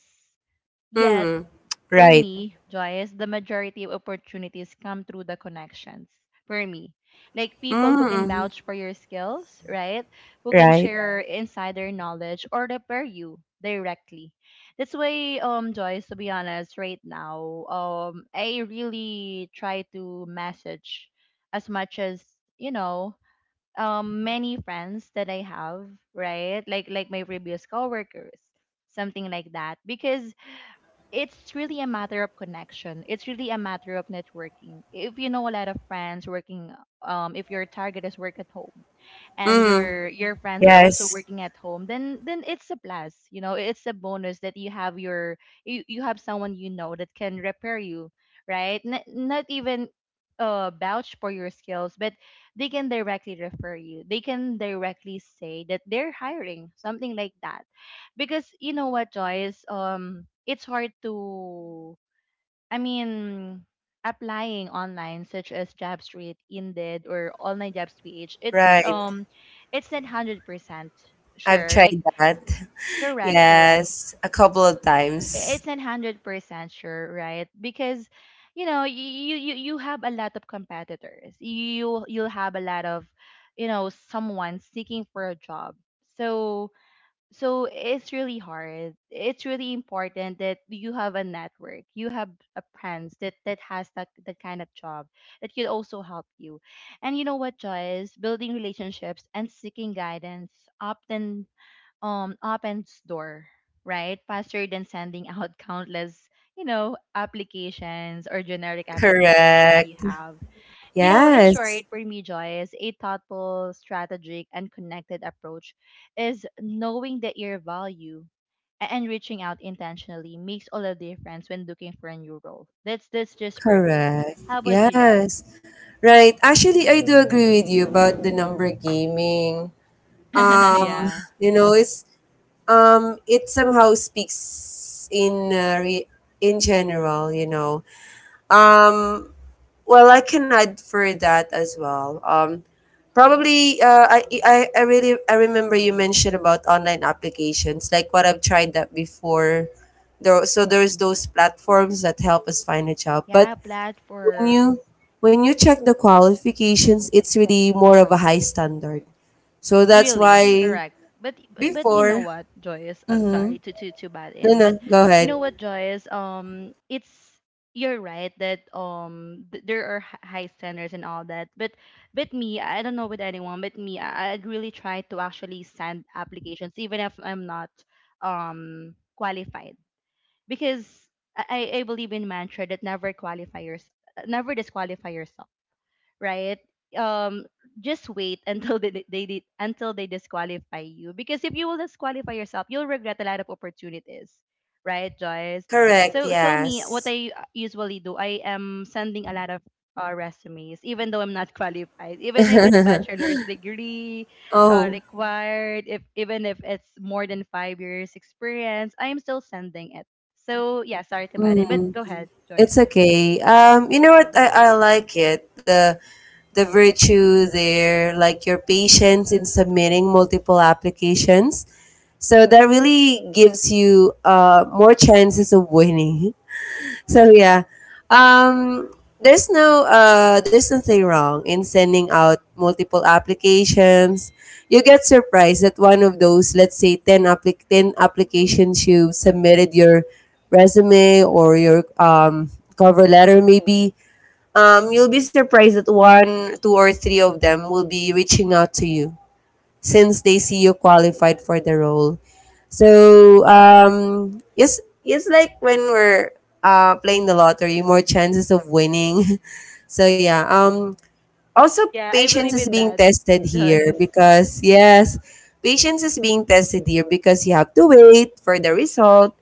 (laughs)
yet
Mm-hmm.
for
Right.
me, Joyce, the majority of opportunities come through the connections. For me, like people who can
Mm-hmm.
vouch for your skills, right? Who can
Right.
share, right, insider knowledge or repair you directly. That's why, Joyce, to be honest, right now, I really try to message as much as you know, many friends that I have, right? Like my previous coworkers, something like that, because it's really a matter of connection. It's really a matter of networking. If you know a lot of friends working, if your target is work at home, and
Mm.
your friends are also
Yes,
working at home, then it's a plus, you know it's a bonus that you have your you, you have someone you know that can repair you, right? Not even vouch for your skills, but they can directly refer you, they can directly say that they're hiring, something like that. Because you know what, Joyce? It's hard to, I mean, applying online, such as JobStreet, Indeed, or Online Jobs PH, it's, yeah,
right.
it's not 100%
I've
sure.
tried
Like,
that. (laughs)
correct, correct.
Yes, a couple of times.
It's not 100% sure, right? Because, you know, you have a lot of competitors. You you'll have a lot of, you know, someone seeking for a job. So it's really hard, it's really important that you have a network, you have a friends that has that kind of job that could also help you. And you know what, Joyce, building relationships and seeking guidance often opens door, right, faster than sending out (laughs) countless, you know, applications or generic applications that you
Correct.
have. You know, in
Yes,
short, for me, Joyce, a thoughtful, strategic, and connected approach is knowing that your value and reaching out intentionally makes all the difference when looking for a new role. That's just for me.
correct.
How about you,
Yes.
Joyce?
Right. Actually, I do agree with you about the number gaming. Um,
(laughs) Yeah.
you know, it's it somehow speaks in in general, you know. Um, well, I can add for that as well. Um, probably, I remember you mentioned about online applications, like what I've tried that before. There, so there's those platforms that help us find a job.
Yeah,
But when you,
platforms.
when you check the qualifications, it's really more of a high standard. So that's
Really,
why
correct. But you know
before,
what, Joyce? I'm
mm-hmm.
sorry to bad
No,
in,
no,
but
go
you
ahead.
know what, Joyce? It's you're right that there are high standards and all that. But I don't know with anyone, but me, I'd really try to actually send applications even if I'm not qualified, because I I believe in mantra that never disqualify yourself, right? Um, just wait (laughs) until until they disqualify you, because if you will disqualify yourself, you'll regret a lot of opportunities, right, Joyce?
Correct.
So so me, what
Yes.
I usually do, I am sending a lot of resumes, even though I'm not (laughs) qualified, even if it's (laughs) bachelor's degree
Oh.
required, if even if it's more than 5 years experience, I am still sending it. So yeah, sorry to bother, but go ahead, Joyce.
It's okay. You know what? I like it. The virtue there, like your patience in submitting multiple applications. So that really gives you more chances of winning. So yeah, um, there's there's nothing wrong in sending out multiple applications. You get surprised that one of those, let's say, ten ten applications you submitted your resume or your cover letter, maybe. You'll be surprised that one, two, or three of them will be reaching out to you since they see you qualified for the role. So it's like when we're playing the lottery, more chances of winning. (laughs) So yeah. Also,
Yeah, I
patience
believe
is
in
being
that,
tested
(laughs)
here
Joyce.
because yes, patience is being tested here because you have to wait for the result.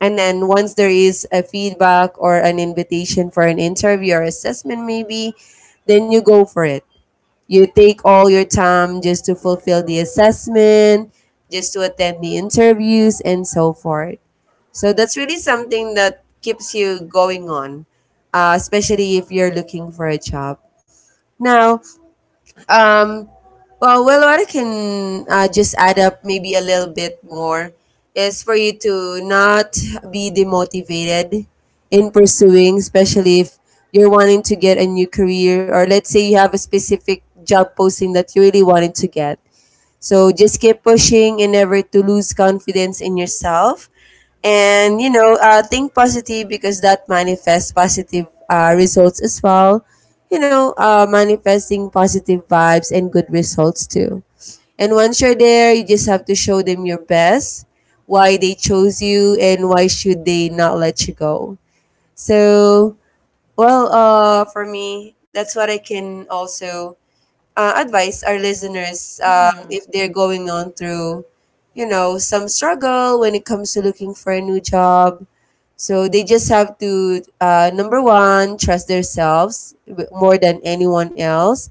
And then once there is a feedback or an invitation for an interview or assessment, maybe, then you go for it. You take all your time just to fulfill the assessment, just to attend the interviews, and so forth. So that's really something that keeps you going on, especially if you're looking for a job. Now, um, well, what I can just add up maybe a little bit more is for you to not be demotivated in pursuing, especially if you're wanting to get a new career, or let's say you have a specific job posting that you really wanted to get. So just keep pushing and never to lose confidence in yourself. And you know, think positive because that manifests positive results as well. You know, manifesting positive vibes and good results too. And once you're there, you just have to show them your best, why they chose you, and why should they not let you go. So, well, for me, that's what I can also advise our listeners
Mhm.
if they're going on through, you know, some struggle when it comes to looking for a new job. So they just have to, number one, trust themselves more than anyone else.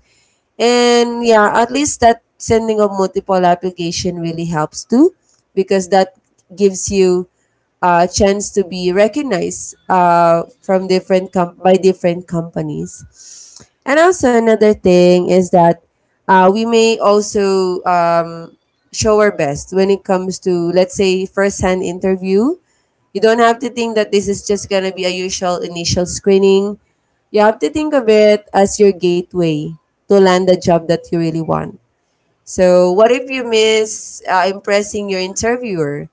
And yeah, at least that sending of multiple application really helps too because that gives you a chance to be recognized from by different companies. And also another thing is that we may also show our best when it comes to, let's say, first-hand interview. You don't have to think that this is just gonna be a usual initial screening. You have to think of it as your gateway to land the job that you really want. So, what if you miss impressing your interviewer?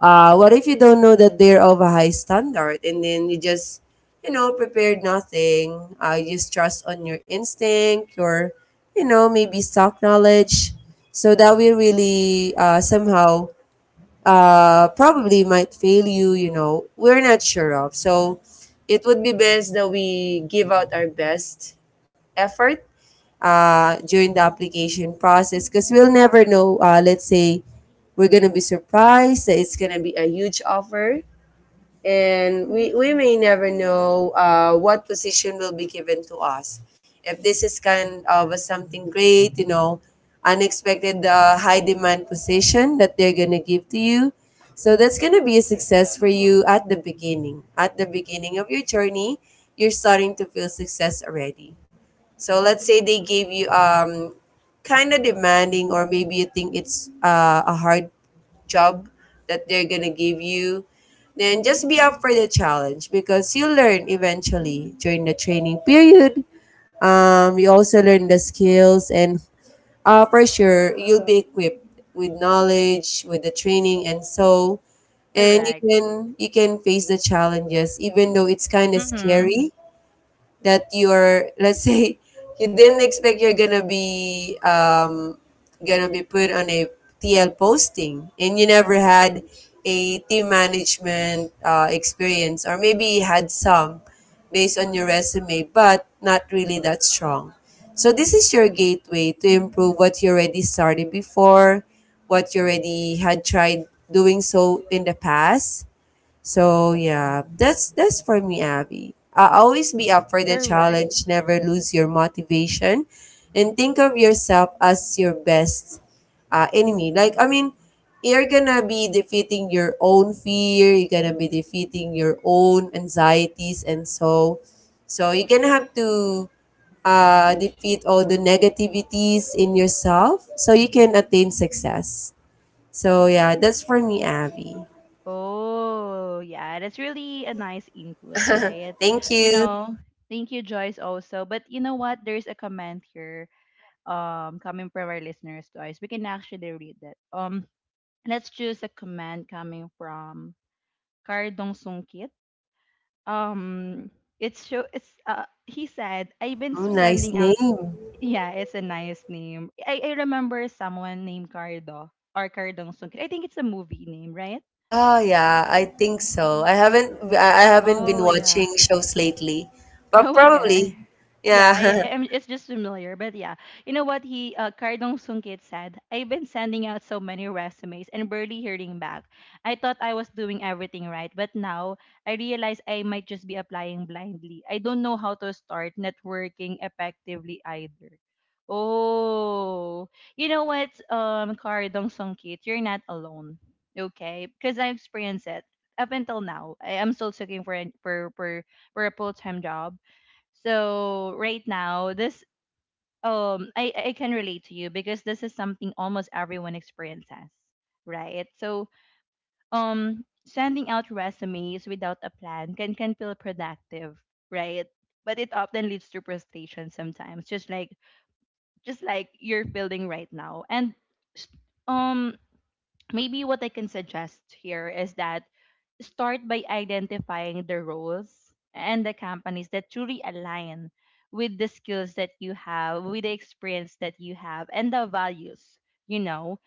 What if you don't know that they're of a high standard and then you just, you know, prepared nothing? You just trust on your instinct, your, you know, maybe stock knowledge. So that will really somehow probably might fail you, you know, we're not sure of. So it would be best that we give out our best effort during the application process because we'll never know. Let's say we're gonna be surprised that it's gonna be a huge offer, and we may never know what position will be given to us. If this is kind of a something great, you know, unexpected high demand position that they're gonna give to you. So that's gonna be a success for you at the beginning. At the beginning of your journey, you're starting to feel success already. So let's say they gave you kind of demanding, or maybe you think it's a hard job that they're going to give you, then just be up for the challenge because you learn eventually during the training period. You also learn the skills, and for sure you'll be equipped with knowledge, with the training and so, and
Correct.
you can face the challenges, even though it's kind of
Mhm.
scary that you're, let's say, (laughs) you didn't expect you're gonna be put on a TL posting and you never had a team management experience, or maybe you had some based on your resume but not really that strong. So this is your gateway to improve what you already started before, what you already had tried doing so in the past. So yeah, that's for me, Abby. Always be up for the
Correct.
challenge. Never lose your motivation, and think of yourself as your best enemy. Like I mean, you're gonna be defeating your own fear. You're gonna be defeating your own anxieties, and so, so you're gonna have to defeat all the negativities in yourself, so you can attain success. So yeah, that's for me, Abby.
Oh, yeah. That's really a nice input, right?
Thank
You
you.
know, thank you, Joyce, also. But you know what? There's a comment here coming from our listeners, Joyce. We can actually read that. Let's choose a comment coming from Cardong Sungkit. um it's show it's he said, I've been
Oh, nice
sending out
name.
yeah, it's a nice name. I remember someone named Cardo or Cardong Sungkit. I think it's a movie name, right?
Ah, yeah, I think so. I haven't I haven't been
Oh yeah.
watching shows lately, but
Oh,
probably,
okay. Yeah,
yeah, (laughs)
am, it's just familiar. But yeah, you know what he, Cardong Sungkit said? I've been sending out so many resumes and barely hearing back. I thought I was doing everything right, but now I realize I might just be applying blindly. I don't know how to start networking effectively either. Oh, you know what, Cardong Sungkit, you're not alone. Okay, because I experienced it up until now. I am still searching for for a full time job so right now, this I can relate to you because this is something almost everyone experiences, right? So sending out resumes without a plan can feel productive, right? But it often leads to frustration sometimes, just like you're feeling right now. And s- um maybe what I can suggest here is that start by identifying the roles and the companies that truly align with the skills that you have, with the experience that you have, and the values, you know,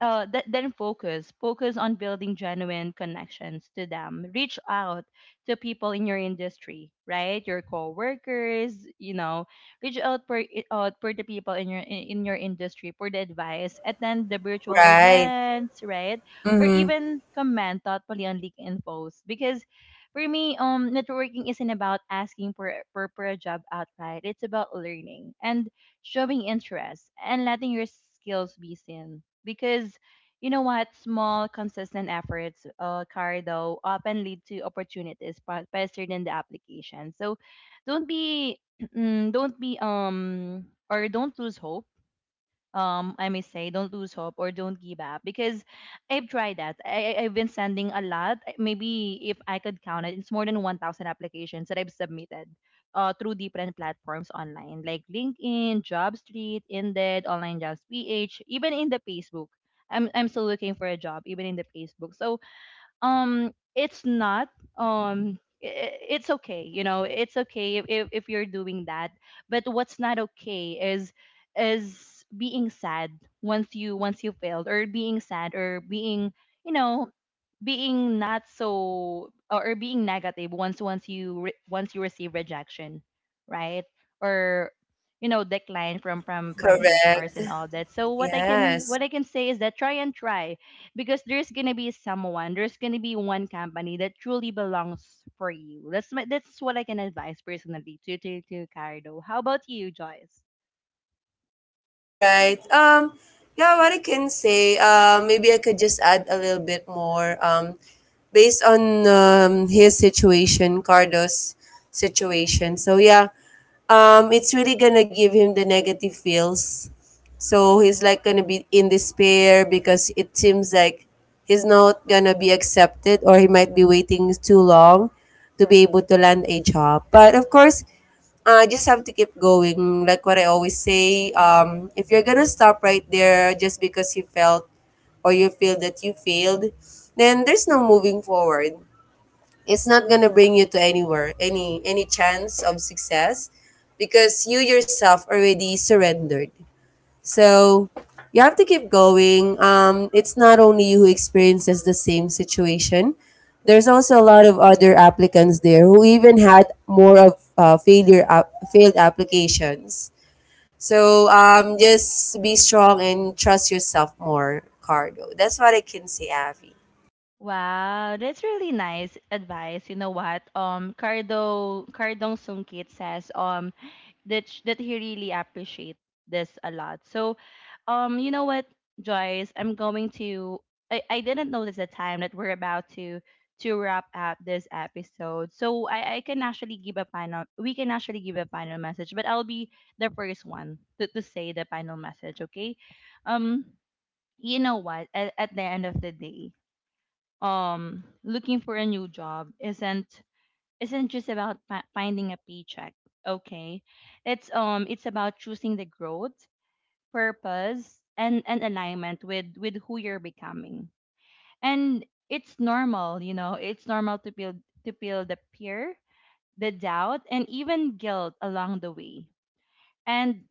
then focus on building genuine connections to them. Reach out to people in your industry, right? Your coworkers, you know, reach out for the people in your industry for the advice. Attend the virtual
right,
events, right? Or even comment thoughtfully on LinkedIn posts, because for me, networking isn't about asking for a job outright. It's about learning and showing interest, and letting your skills be seen. Because you know what? Small, consistent efforts, Cardo, often lead to opportunities faster than the application. So don't be, (clears throat) don't be, or don't lose hope. I may say don't lose hope or don't give up, because I've tried that. I've been sending a lot. Maybe if I could count it, it's more than 1,000 applications that I've submitted through different platforms online like LinkedIn, JobStreet, Indeed, Online Jobs PH, even in the Facebook. I'm still looking for a job even in the Facebook. So it's not I- I- it's okay, you know, it's okay if you're doing that, but what's not okay is being sad once you failed, or being sad or being, you know, being not so, or being negative once you once you receive rejection, right? Or, you know, decline from hrs
correct.
and all that. So what I can,
Yes.
what I can say is that try and try, because there's gonna be someone, there's gonna be one company that truly belongs for you. That's my, that's what I can advise personally to Cardo. How about you, Joyce?
All right. Yeah, what I can say, maybe I could just add a little bit more. Based on his situation, Cardo's situation. So yeah, it's really gonna give him the negative feels. So he's like gonna be in despair because it seems like he's not gonna be accepted, or he might be waiting too long to be able to land a job. But of course, I just have to keep going. Like what I always say, if you're gonna stop right there just because you felt or you feel that you failed, then there's no moving forward. It's not gonna bring you to anywhere, any chance of success, because you yourself already surrendered. So you have to keep going. It's not only you who experiences the same situation. There's also a lot of other applicants there who even had more of failed applications. So just be strong and trust yourself more, Cardo. That's what I can say, Avi.
Wow, that's really nice advice. You know what? Cardong Sungkit says, that he really appreciate this a lot. So, you know what, Joyce, I'm going to. I didn't notice the time that we're about to wrap up this episode, so I can actually give a final. We can actually give a final message, but I'll be the first one to say the final message. Okay, um, you know what? At the end of the day, looking for a new job isn't just about, fi- finding a paycheck. Okay, it's about choosing the growth, purpose, and alignment with who you're becoming. And it's normal, you know, it's normal to feel, to feel the fear, the doubt, and even guilt along the way. And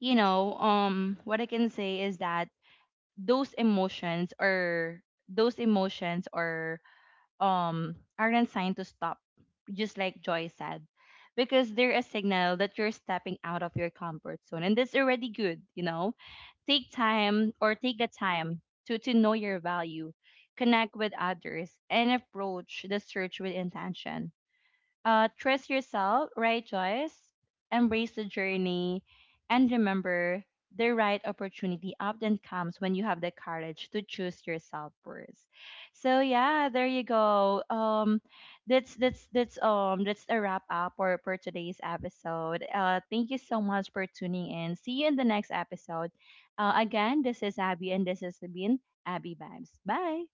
you know, what I can say is that those emotions are those emotions aren't signed to stop, just like Joy said, because they're a signal that you're stepping out of your comfort zone, and that's already good. You know, take time or take the time to know your value, connect with others, and approach the search with intention. Trust yourself, right choice, embrace the journey, and remember the right opportunity often comes when you have the courage to choose yourself first. So yeah, there you go. That's a wrap up for today's episode. Thank you so much for tuning in. See you in the next episode. Again, this is Abby, and this is Sabine Abby Vibes. Bye.